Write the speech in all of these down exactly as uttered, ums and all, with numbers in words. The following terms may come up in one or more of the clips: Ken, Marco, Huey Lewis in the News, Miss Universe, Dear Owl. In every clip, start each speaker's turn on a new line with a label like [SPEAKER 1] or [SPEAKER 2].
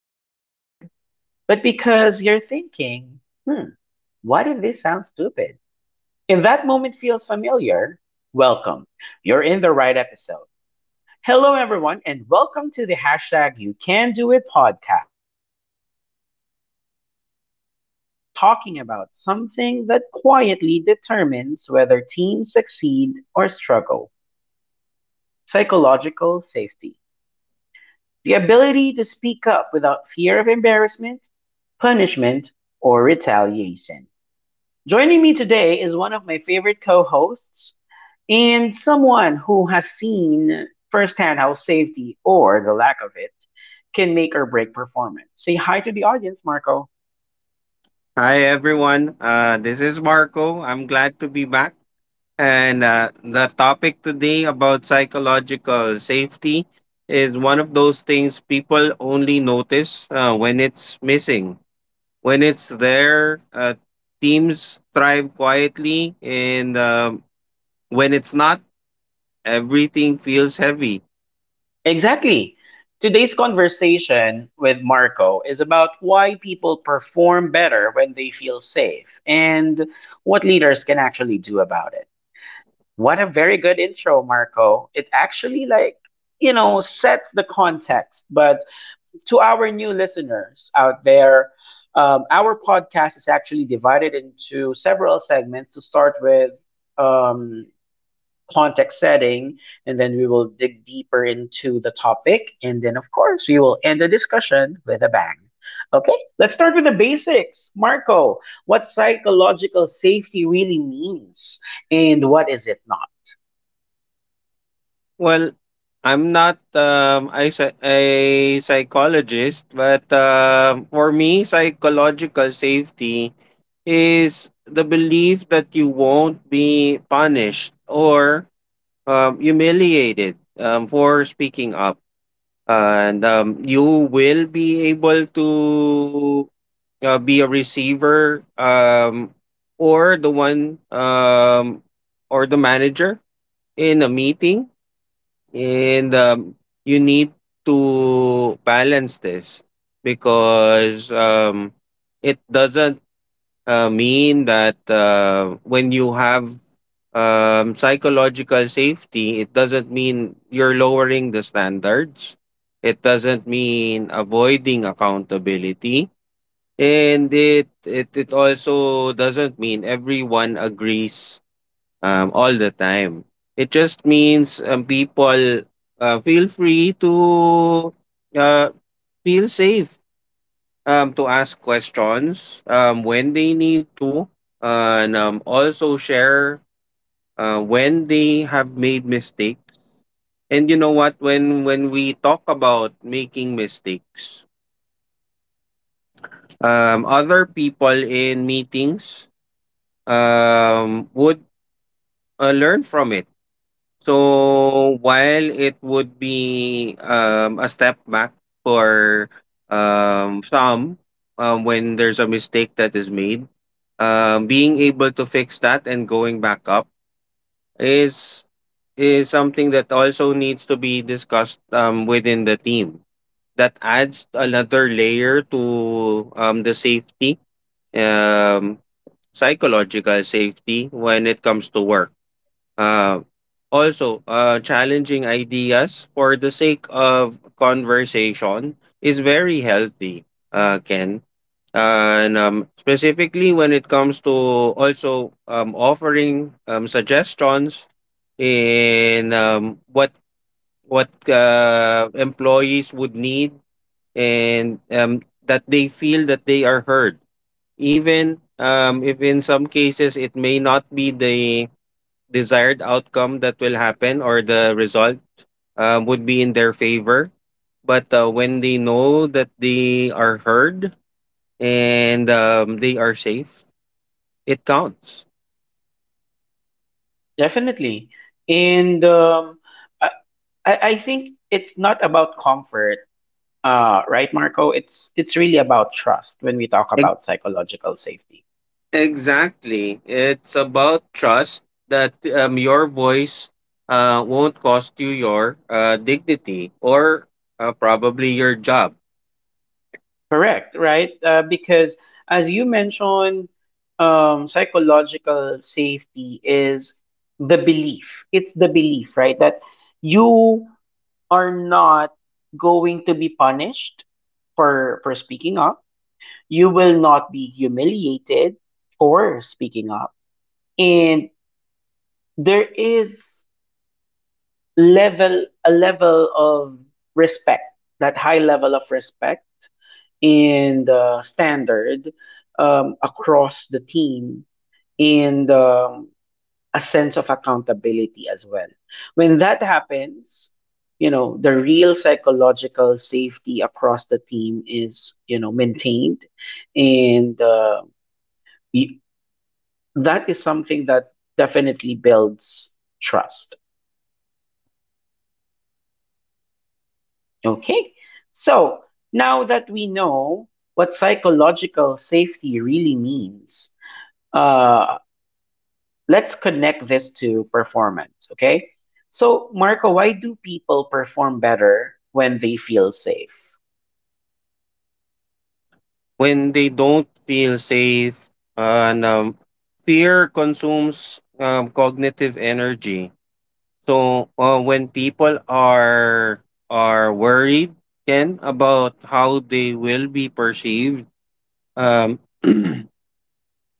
[SPEAKER 1] unprepared, but because you're thinking, hmm, what if this sounds stupid? If that moment feels familiar? Welcome. You're in the right episode. Hello, everyone, and welcome to the hashtag You Can Do It podcast. I'm Ken, and today we are talking about something that quietly determines whether teams succeed or struggle psychological safety. The ability to speak up without fear of embarrassment, punishment, or retaliation. Joining me today is one of my favorite co hosts and someone who has seen firsthand how safety or the lack of it can make or break performance. Say hi to the audience, Marco.
[SPEAKER 2] Hi everyone. Uh, this is Marco. I'm glad to be back. And uh, the topic today about psychological safety is one of those things people only notice uh, when it's missing. When it's there, uh, teams thrive quietly, and um when it's not, everything feels heavy.
[SPEAKER 1] Exactly. Today's conversation with Marco is about why people perform better when they feel safe and what leaders can actually do about it. What a very good intro, Marco. It actually, like, you know, sets the context, but to our new listeners out there, um, our podcast is actually divided into several segments to start with um, context setting, and then we will dig deeper into the topic. And then, of course, we will end the discussion with a bang. Okay, let's start with the basics. Marco, what psychological safety really means and what is it not?
[SPEAKER 2] Well, I'm not um, a, psy- a psychologist, but uh, for me, psychological safety is the belief that you won't be punished or um, humiliated um, for speaking up. And um, you will be able to uh, be a receiver um, or the one um, or the manager in a meeting. And um, you need to balance this because um, it doesn't uh, mean that uh, when you have um, psychological safety, it doesn't mean you're lowering the standards. It doesn't mean avoiding accountability, and it it it also doesn't mean everyone agrees um, all the time. It just means um, people uh, feel free to uh, feel safe um, to ask questions um, when they need to, uh and um, also share uh, when they have made mistakes. And you know what? When when we talk about making mistakes, um, other people in meetings um, would uh, learn from it. So while it would be um, a step back for um, some, um, when there's a mistake that is made, um, being able to fix that and going back up is is something that also needs to be discussed um, within the team. That adds another layer to um, the safety, um, psychological safety when it comes to work. uh, Also, uh, challenging ideas for the sake of conversation is very healthy, uh, Ken. And um, specifically when it comes to also um, offering um, suggestions in um, what what uh, employees would need, and um, that they feel that they are heard, even um, if in some cases it may not be the desired outcome that will happen or the result um, would be in their favor. But uh, when they know that they are heard and um, they are safe, it counts.
[SPEAKER 1] Definitely. And um, I, I I think it's not about comfort, Uh, right, Marco? It's it's really about trust when we talk
[SPEAKER 2] Ex-
[SPEAKER 1] about psychological safety.
[SPEAKER 2] Exactly. It's about trust that um, your voice uh, won't cost you your uh, dignity or uh, probably your job.
[SPEAKER 1] Correct, right? Uh, because as you mentioned, um, psychological safety is the belief. It's the belief, right, that you are not going to be punished for for speaking up. You will not be humiliated for speaking up, and there is level a level of respect, that high level of respect and uh, standard um, across the team, and um, a sense of accountability as well. When that happens, you know, the real psychological safety across the team is, you know, maintained. and uh, y- that is something that definitely builds trust. Okay. So now that we know what psychological safety really means, uh, let's connect this to performance. Okay. So, Marco, why do people perform better when they feel safe?
[SPEAKER 2] When they don't feel safe and um, fear consumes um, cognitive energy, so uh, when people are are worried, Ken, about how they will be perceived, um,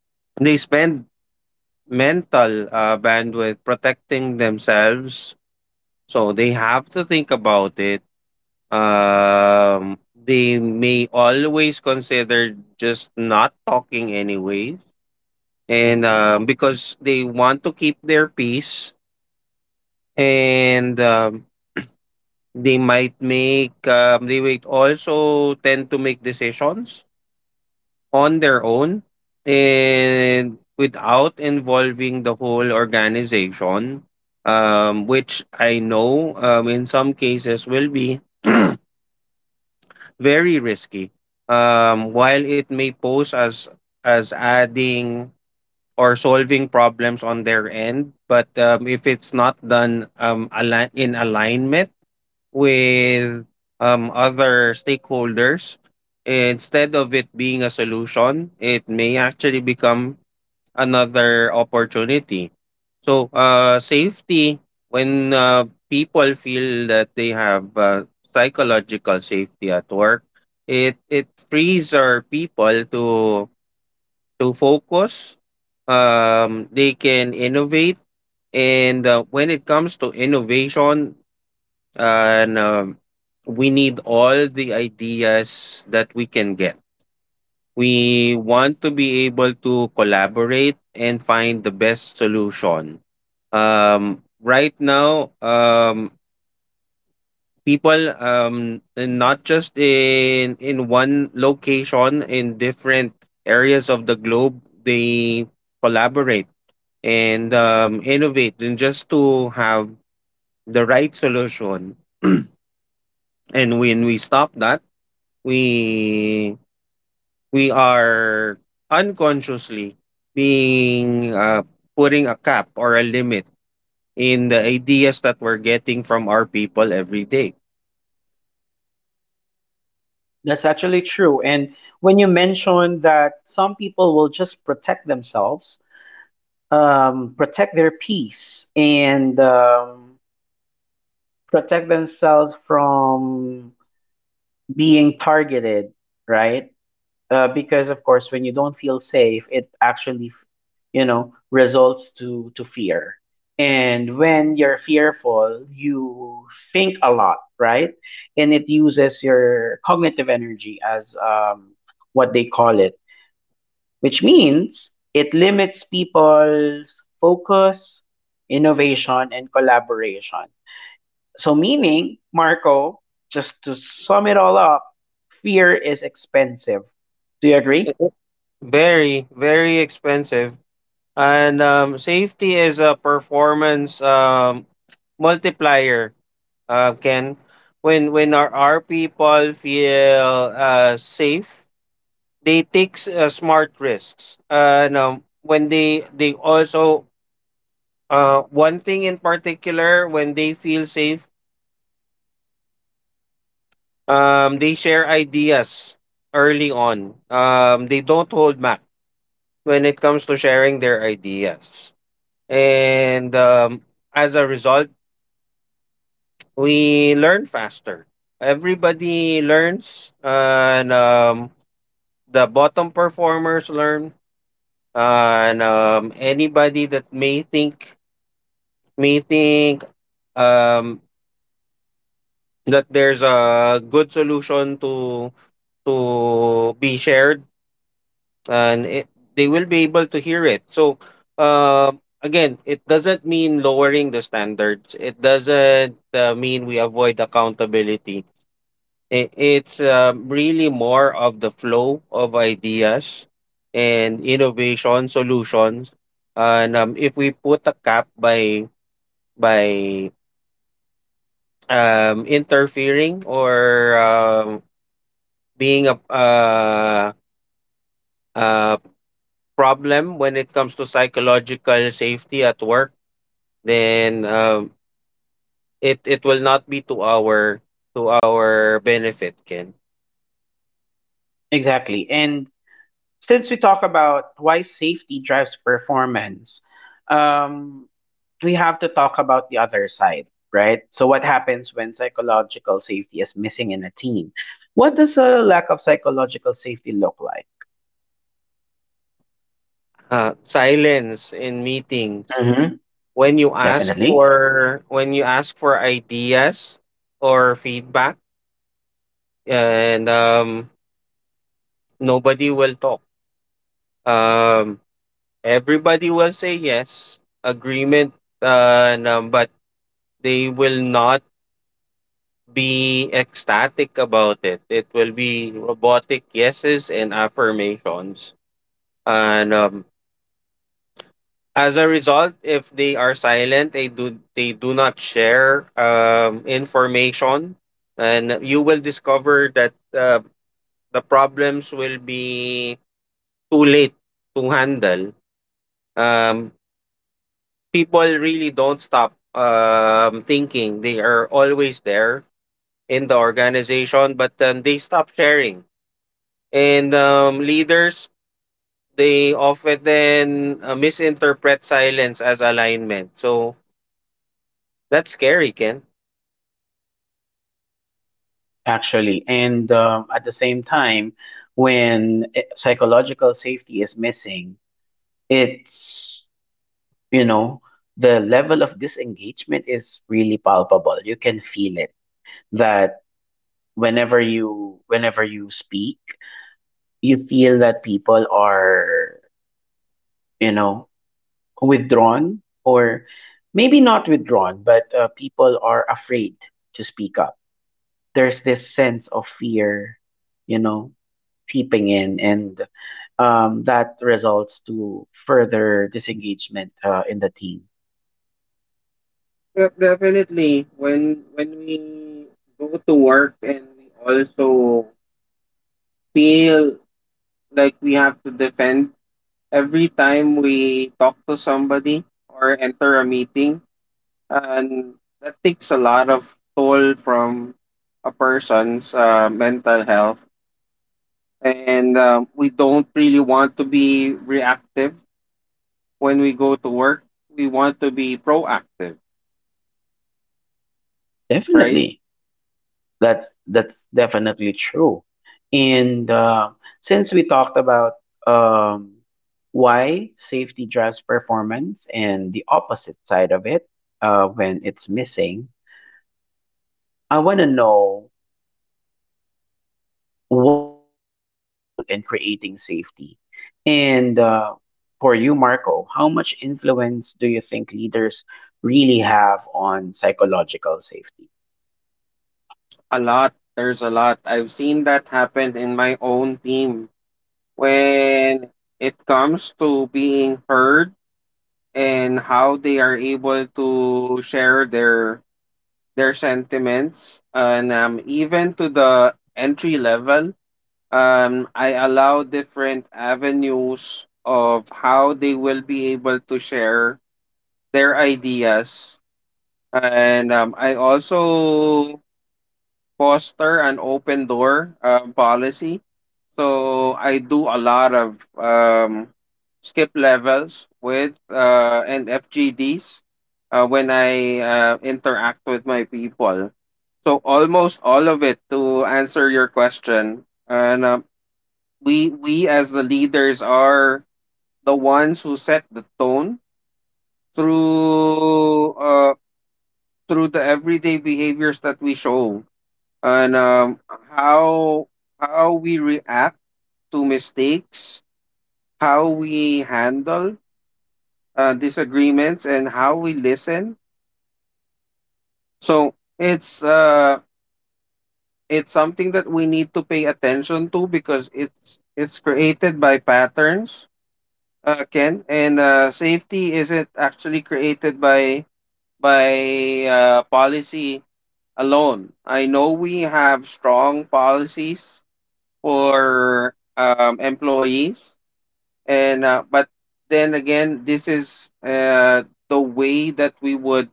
[SPEAKER 2] they spend mental uh, bandwidth protecting themselves, so they have to think about it. Um, they may always consider just not talking anyway, and
[SPEAKER 1] Mhm.
[SPEAKER 2] um, because they want to keep their peace. And um, they might make, um, they might also tend to make decisions on their own and without involving the whole organization, um, which I know, um, in some cases will be very risky. Um, while it may pose as as adding or solving problems on their end. But um, if it's not done um, align- in alignment with um, other stakeholders, instead of it being a solution, it may actually become another opportunity. So, uh, safety, when uh, people feel that they have uh, psychological safety at work, it, it frees our people to to focus. Um, they can innovate, and uh, when it comes to innovation, and um, we need all the ideas that we can get. We want to be able to collaborate and find the best solution. Um, right now, um, people, um, and not just in in one location, in different areas of the globe, they collaborate and um, innovate, and just to have the right solution. And when we stop that, we we are unconsciously being uh, putting a cap or a limit in the ideas that we're getting from our people every day.
[SPEAKER 1] That's actually true. And when you mentioned that some people will just protect themselves, um, protect their peace, and um, protect themselves from being targeted, right? Uh, because, of course, when you don't feel safe, it actually f- you know, results to to fear. And when you're fearful, you think a lot, right? And it uses your cognitive energy, as um, what they call it, which means it limits people's focus, innovation, and collaboration. So, meaning, Marco, just to sum it all up, fear is expensive. Do you agree?
[SPEAKER 2] Very very expensive, and um, safety is a performance um, multiplier, uh, can when when our, our people feel uh, safe, they take s- uh, smart risks. Uh, no, When they they also, uh, one thing in particular, when they feel safe, um, they share ideas early on. Um, they don't hold back when it comes to sharing their ideas. And um, as a result, we learn faster. Everybody learns, and um, the bottom performers learn, and um, anybody that may think may think um, that there's a good solution to to be shared, and it, they will be able to hear it. So um again, it doesn't mean lowering the standards, it doesn't uh, mean we avoid accountability. I- It's um, really more of the flow of ideas and innovation solutions. And um, if we put a cap by by um, interfering or um, being a, uh a problem when it comes to psychological safety at work, then um, it it will not be to our to our benefit, Ken.
[SPEAKER 1] Exactly. And since we talk about why safety drives performance, um, we have to talk about the other side, right? So, what happens when psychological safety is missing in a team? What does a lack of psychological safety look like?
[SPEAKER 2] Uh, silence in meetings.
[SPEAKER 1] Hmm.
[SPEAKER 2] When you ask
[SPEAKER 1] Definitely,
[SPEAKER 2] for when you ask for ideas or feedback, and um nobody will talk. Um Everybody will say yes, agreement, uh and, um, but they will not be ecstatic about it. It will be robotic yeses and affirmations. And um as a result, if they are silent, they do they do not share um, information, and you will discover that uh, the problems will be too late to handle. Um, People really don't stop um, thinking; they are always there in the organization, but um, they stop sharing. And um, leaders, they often uh, misinterpret silence as alignment. So that's scary, Ken.
[SPEAKER 1] actually. And um, at the same time, when eh, psychological safety is missing, it's, you know, the level of disengagement is really palpable. You can feel it that whenever you whenever you speak, you feel that people are, you know, withdrawn or maybe not withdrawn, but uh, people are afraid to speak up. There's this sense of fear, you know, seeping in, and um, that results to further disengagement uh, in the team.
[SPEAKER 2] Yep, definitely. When when we go to work and we also feel like we have to defend every time we talk to somebody or enter a meeting, and that takes a lot of toll from a person's uh, mental health. And um, we don't really want to be reactive when we go to work. We want to be proactive, right?
[SPEAKER 1] Definitely. That's that's definitely true. And uh, since we talked about um, why safety drives performance and the opposite side of it, uh, when it's missing, I want to know, what is the leader's role in creating safety? And uh, for you, Marco, how much influence do you think leaders really have on psychological safety?
[SPEAKER 2] A lot. There's a lot. I've seen that happen in my own team when it comes to being heard and how they are able to share their their sentiments, and um, even to the entry level, um I allow different avenues of how they will be able to share their ideas. And um, I also foster an open door um, policy. So I do a lot of um, skip levels with uh, and F G Ds uh, when I uh, interact with my people. So almost all of it, to answer your question, and uh, we we as the leaders are the ones who set the tone through uh, through the everyday behaviors that we show, and um, how how we react to mistakes, how we handle uh, disagreements, and how we listen. So it's uh it's something that we need to pay attention to, because it's it's created by patterns, uh, Ken, and uh, safety isn't actually created by by uh, policy alone. I know we have strong policies for um, employees, and uh, but then again, this is uh, the way that we would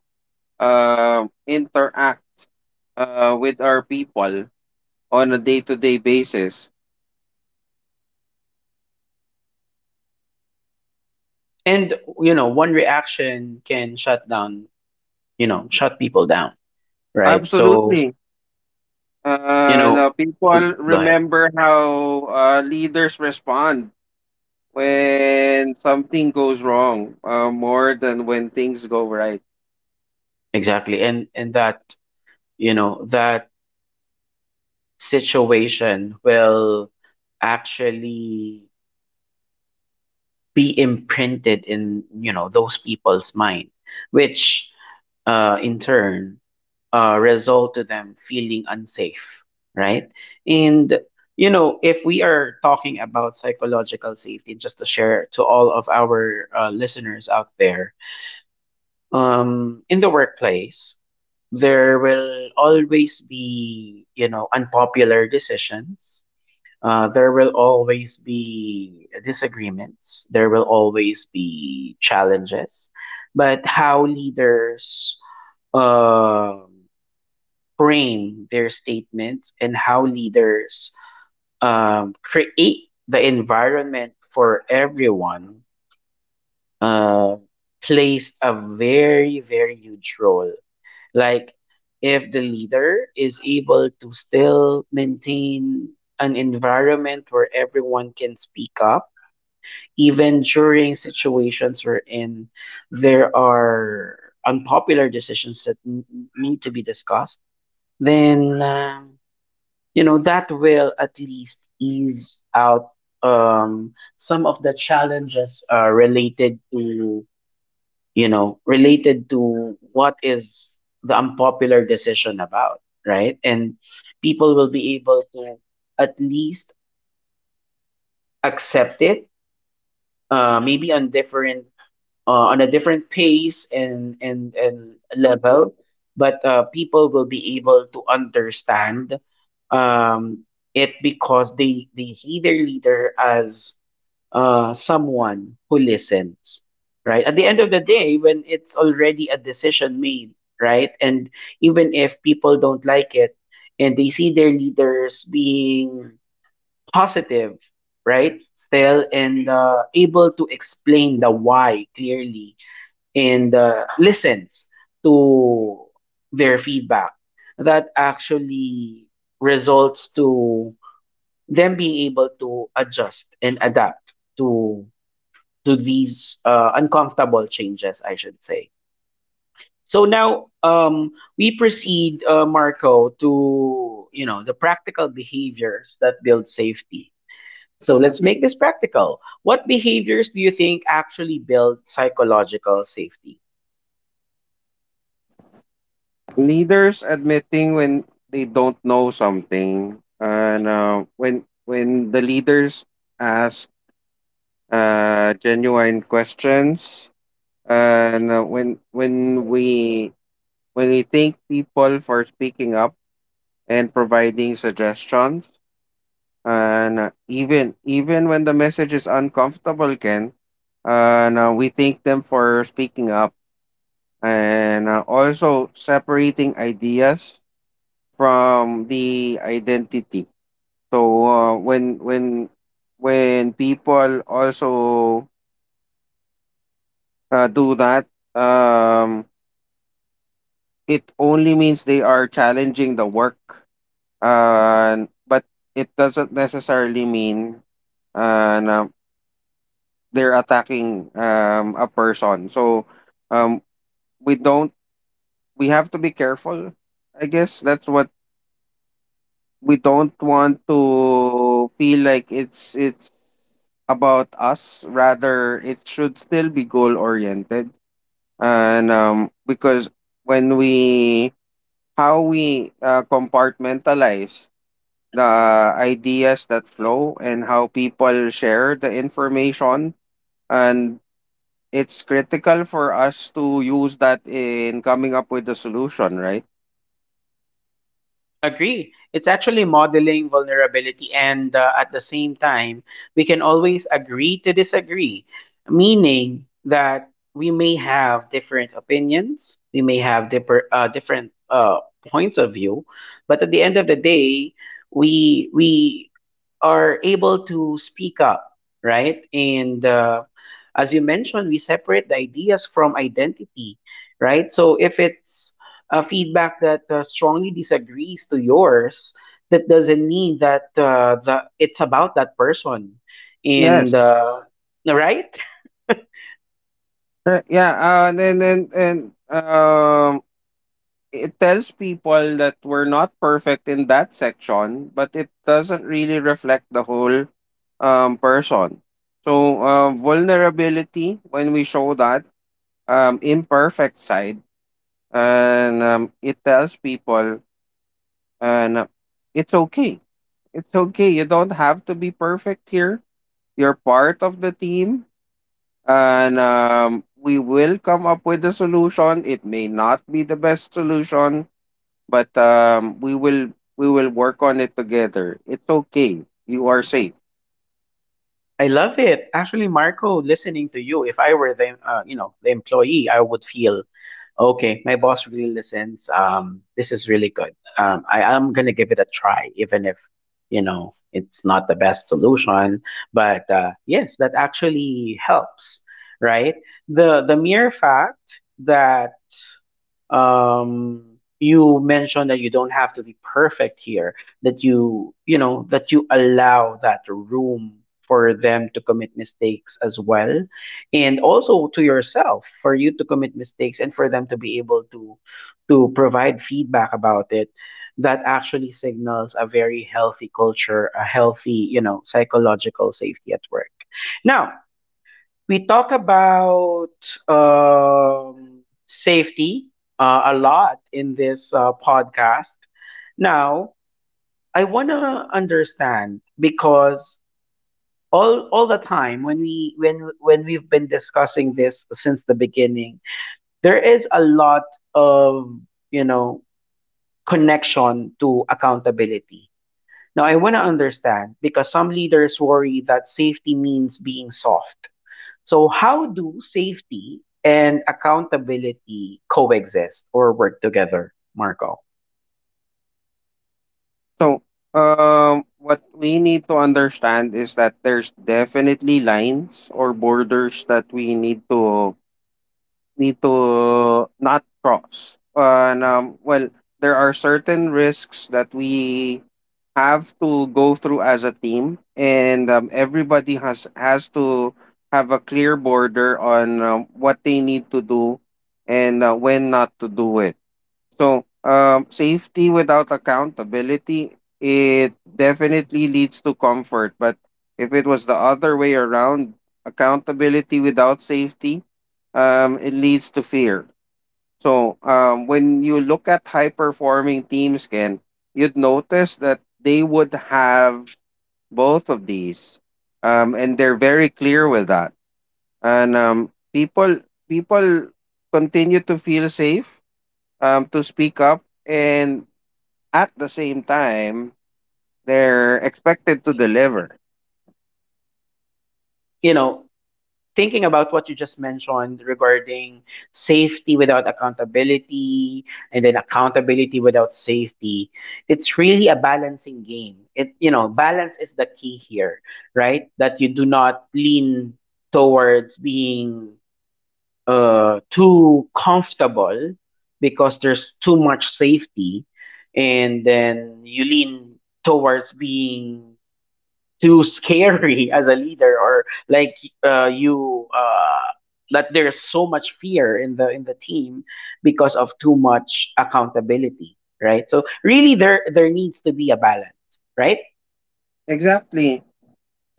[SPEAKER 2] uh, interact uh, with our people on a day-to-day basis.
[SPEAKER 1] And you know, one reaction can shut down, you know, shut people down. Right. So,
[SPEAKER 2] Absolutely.
[SPEAKER 1] you
[SPEAKER 2] Uh,
[SPEAKER 1] know,
[SPEAKER 2] no, People
[SPEAKER 1] uh, go ahead.
[SPEAKER 2] remember how uh, leaders respond when something goes wrong uh, more than when things go right.
[SPEAKER 1] Exactly. And and that, you know, that situation will actually be imprinted in, you know, those people's mind, which uh in turn uh result to them feeling unsafe, right? And, you know, if we are talking about psychological safety, just to share to all of our uh, listeners out there, um, in the workplace, there will always be, you know, unpopular decisions. Uh, there will always be disagreements. There will always be challenges. But how leaders um frame their statements and how leaders um, create the environment for everyone uh, plays a very, very huge role. Like, if the leader is able to still maintain an environment where everyone can speak up, even during situations wherein there are unpopular decisions that n- need to be discussed, then, um, you know, that will at least ease out um, some of the challenges uh, related to, you know, related to what is the unpopular decision about, right? And people will be able to at least accept it, uh, maybe on different, uh, on a different pace and and and level, but uh, people will be able to understand um, it because they they see their leader as uh, someone who listens, right? At the end of the day, when it's already a decision made, right? And even if people don't like it and they see their leaders being positive, right? Still, and uh, able to explain the why clearly and uh, listens to their feedback, that actually results to them being able to adjust and adapt to to these uh, uncomfortable changes, I should say. So now, um, we proceed, uh, Marco, to, you know, the practical behaviors that build safety. So let's make this practical. What behaviors do you think actually build psychological safety?
[SPEAKER 2] Leaders admitting when they don't know something, and uh, when when the leaders ask uh, genuine questions. And uh, when when we when we thank people for speaking up and providing suggestions, and uh, even even when the message is uncomfortable, Ken, and uh, we thank them for speaking up. And uh, also separating ideas from the identity. So uh, when when when people also uh, do that, um, it only means they are challenging the work, uh, but it doesn't necessarily mean, uh, na they're attacking um, a person. So um, we don't, we have to be careful. I guess that's what, we don't want to feel like it's it's about us; rather, it should still be goal oriented. And um, because when we, how we uh, compartmentalize the ideas that flow, and how people share the information. And it's critical for us to use that in coming up with the solution, right?
[SPEAKER 1] Agree. It's actually modeling vulnerability, and uh, at the same time, we can always agree to disagree, meaning that we may have different opinions, we may have differ, uh, different uh, points of view, but at the end of the day, we we are able to speak up, right? And uh, as you mentioned, we separate the ideas from identity, right? So if it's uh, feedback that uh, strongly disagrees to yours, that doesn't mean that uh, the, it's about that person. And,
[SPEAKER 2] Yes.
[SPEAKER 1] uh, right?
[SPEAKER 2] Uh, Yeah, uh, and then and, and um it tells people that we're not perfect in that section, but it doesn't really reflect the whole um person. So uh, vulnerability, when we show that um imperfect side, and um, it tells people, and uh, it's okay, it's okay, you don't have to be perfect here, you're part of the team. And um, we will come up with a solution, it may not be the best solution, but um, we will we will work on it together. It's okay, you are safe.
[SPEAKER 1] I love it. Actually, Marco, listening to you, if I were the, uh, you know, the employee, I would feel, okay, my boss really listens. Um, this is really good. Um, I am gonna give it a try, even if, you know, it's not the best solution. But uh, yes, that actually helps, right? The the mere fact that um you mentioned that you don't have to be perfect here, that you you know, that you allow that room for them to commit mistakes as well, and also to yourself, for you to commit mistakes and for them to be able to to provide feedback about it, that actually signals a very healthy culture, a healthy, you know, psychological safety at work. Now we talk about um, safety uh, a lot in this uh, podcast. Now, I want to understand because all all the time when we when when we've been discussing this since the beginning, there is a lot of, you know, connection to accountability. Now, I want to understand because some leaders worry that safety means being soft. So, how do safety and accountability coexist or work together, Marco?
[SPEAKER 2] So um, what we need to understand is that there's definitely lines or borders that we need to need to not cross. And um, well, there are certain risks that we have to go through as a team, and um, everybody has has to have a clear border on um, what they need to do and uh, when not to do it. So, um, safety without accountability, it definitely leads to comfort. But if it was the other way around, accountability without safety, um, it leads to fear. So, um, when you look at high performing teams, Ken, you'd notice that they would have both of these, um, and they're very clear with that. And um, people, people continue to feel safe, um, to speak up, and at the same time they're expected to deliver.
[SPEAKER 1] You know, thinking about what you just mentioned regarding safety without accountability and then accountability without safety, it's really a balancing game. It, you know, balance is the key here, right? That you do not lean towards being uh, too comfortable because there's too much safety, and then you lean towards being too scary as a leader, or like, uh, you uh, that there's so much fear in the, in the team because of too much accountability, right? So really, there there needs to be a balance, right?
[SPEAKER 2] Exactly.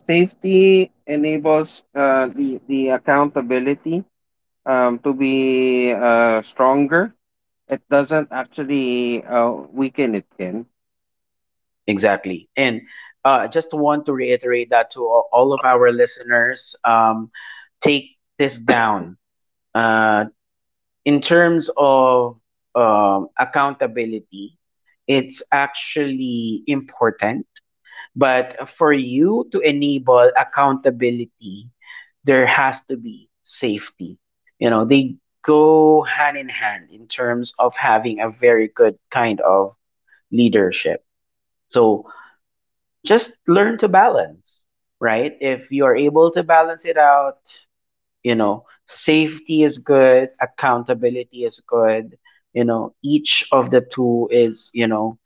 [SPEAKER 2] Safety enables uh, the the accountability um, to be uh, stronger. It doesn't actually uh, weaken it. Can.
[SPEAKER 1] Exactly. And uh, just want to reiterate that to all all of our listeners, um, take this down. Uh, in terms of um, accountability, it's actually important. But for you to enable accountability, there has to be safety. You know, they go hand in hand in terms of having a very good kind of leadership. So, just learn to balance, right? If you are able to balance it out, you know, safety is good, accountability is good, you know, each of the two is, you know,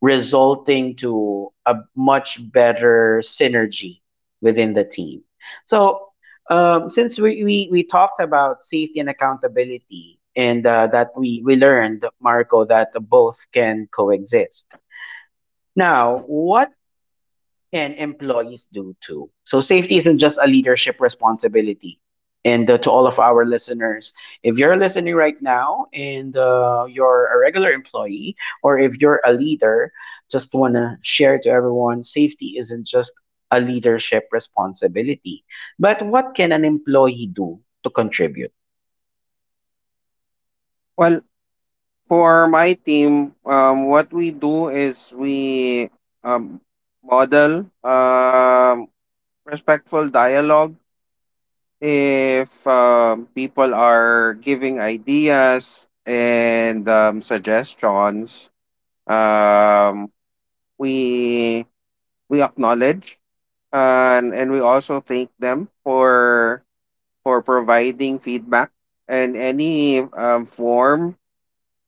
[SPEAKER 1] resulting to a much better synergy within the team. So, um, since we, we, we talked about safety and accountability, and uh, that we, we learned, Marco, that both can coexist. Now, what? And employees do too. So safety isn't just a leadership responsibility. And uh, to all of our listeners, if you're listening right now and uh, you're a regular employee, or if you're a leader, just want to share to everyone safety isn't just a leadership responsibility. But what can an employee do to contribute?
[SPEAKER 2] Well, for my team, um, what we do is we um, model um, respectful dialogue. If um, people are giving ideas and um, suggestions, um, we we acknowledge, and and we also thank them for for providing feedback. And any um, form,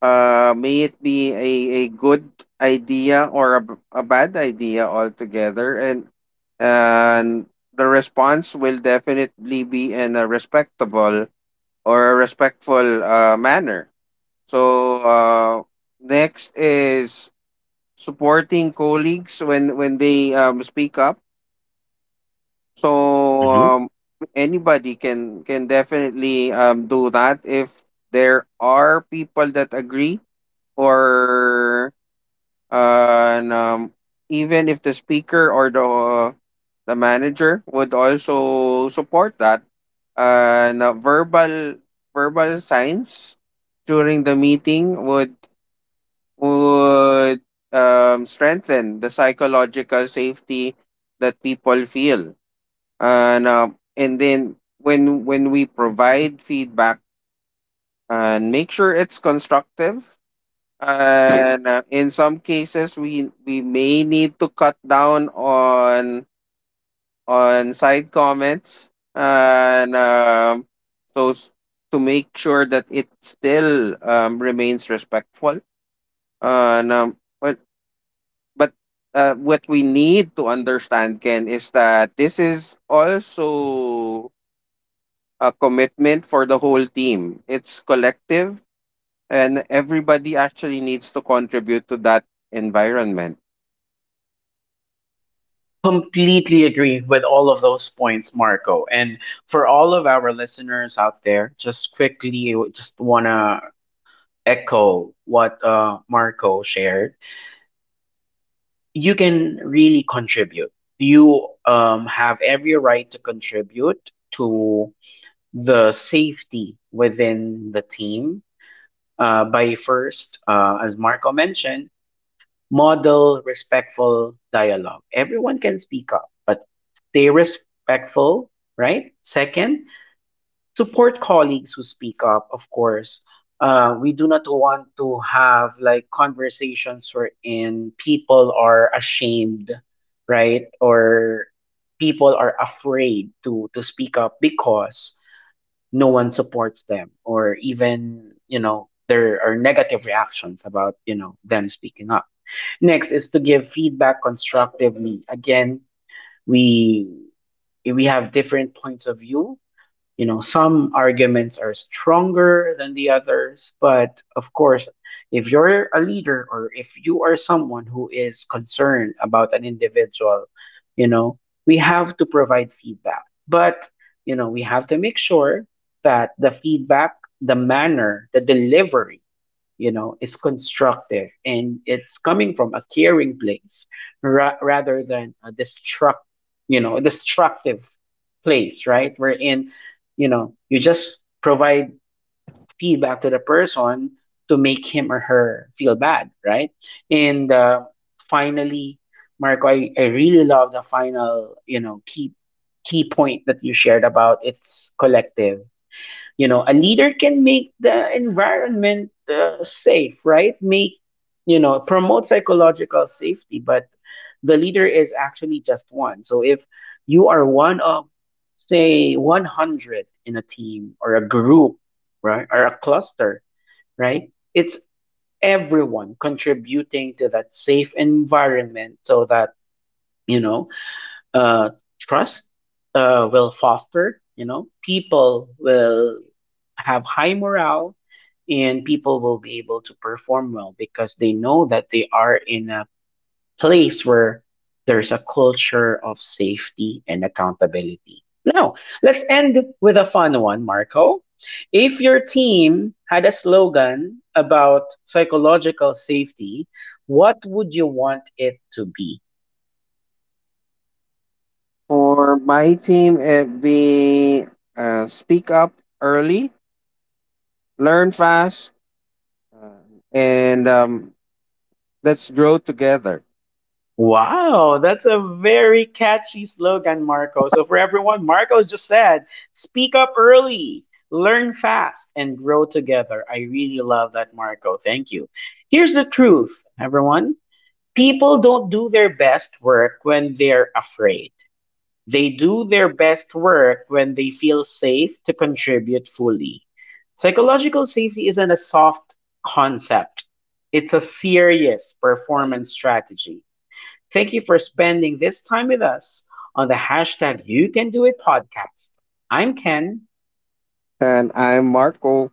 [SPEAKER 2] uh, may it be a, a good idea or a, b- a bad idea altogether, and and the response will definitely be in a respectable or a respectful uh, manner. So uh, next is supporting colleagues when when they um, speak up. So
[SPEAKER 1] Mhm.
[SPEAKER 2] um, anybody can can definitely um, do that if there are people that agree or, and um, even if the speaker or the uh, the manager would also support that. And uh, verbal verbal signs during the meeting would would um, strengthen the psychological safety that people feel. And um, and then when when we provide feedback and make sure it's constructive, and uh, in some cases we we may need to cut down on on side comments and um, those, to make sure that it still um, remains respectful. And um, but but uh, what we need to understand, Ken, is that this is also a commitment for the whole team, it's collective, and everybody actually needs to contribute to that environment.
[SPEAKER 1] Completely agree with all of those points, Marco. And for all of our listeners out there, just quickly, just want to echo what uh, Marco shared, you can really contribute. You um, have every right to contribute to the safety within the team, uh, by first, uh, as Marco mentioned, model respectful dialogue. Everyone can speak up, but stay respectful, right? Second, support colleagues who speak up, of course. Uh, we do not want to have like conversations wherein people are ashamed, right? Or people are afraid to to speak up because no one supports them, or even, you know, there are negative reactions about, you know, them speaking up. Next is to give feedback constructively. Again, we we have different points of view, you know, some arguments are stronger than the others, but of course, if you're a leader or if you are someone who is concerned about an individual, you know, we have to provide feedback, but, you know, we have to make sure that the feedback, the manner, the delivery, you know, is constructive and it's coming from a caring place, ra- rather than a destruct you know, destructive place, right, wherein, you know, you just provide feedback to the person to make him or her feel bad, right? And uh, finally, Marco, I, I really love the final, you know, key key point that you shared about it's collective. You know, a leader can make the environment uh, safe, right, make, you know, promote psychological safety, but the leader is actually just one. So if you are one of say one hundred in a team or a group, right, or a cluster, right, it's everyone contributing to that safe environment so that, you know, uh, trust uh, will foster. You know, people will have high morale, and people will be able to perform well because they know that they are in a place where there's a culture of safety and accountability. Now, let's end with a fun one, Marco. If your team had a slogan about psychological safety, what would you want it to be?
[SPEAKER 2] For my team, it'd be uh, speak up early, learn fast, uh, and um, let's grow together.
[SPEAKER 1] Wow, that's a very catchy slogan, Marco. So, for everyone, Marco just said, speak up early, learn fast, and grow together. I really love that, Marco. Thank you. Here's the truth, everyone, people don't do their best work when they're afraid, they do their best work when they feel safe to contribute fully. Psychological safety isn't a soft concept, it's a serious performance strategy. Thank you for spending this time with us on the hashtag You Can Do It podcast. I'm Ken.
[SPEAKER 2] And I'm Marco.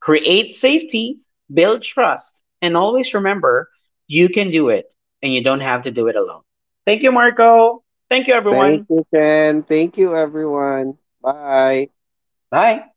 [SPEAKER 1] Create safety, build trust, and always remember you can do it, and you don't have to do it alone. Thank you, Marco. Thank you,
[SPEAKER 2] Thank
[SPEAKER 1] everyone.
[SPEAKER 2] you, Ken. Thank you, everyone. Bye.
[SPEAKER 1] Bye.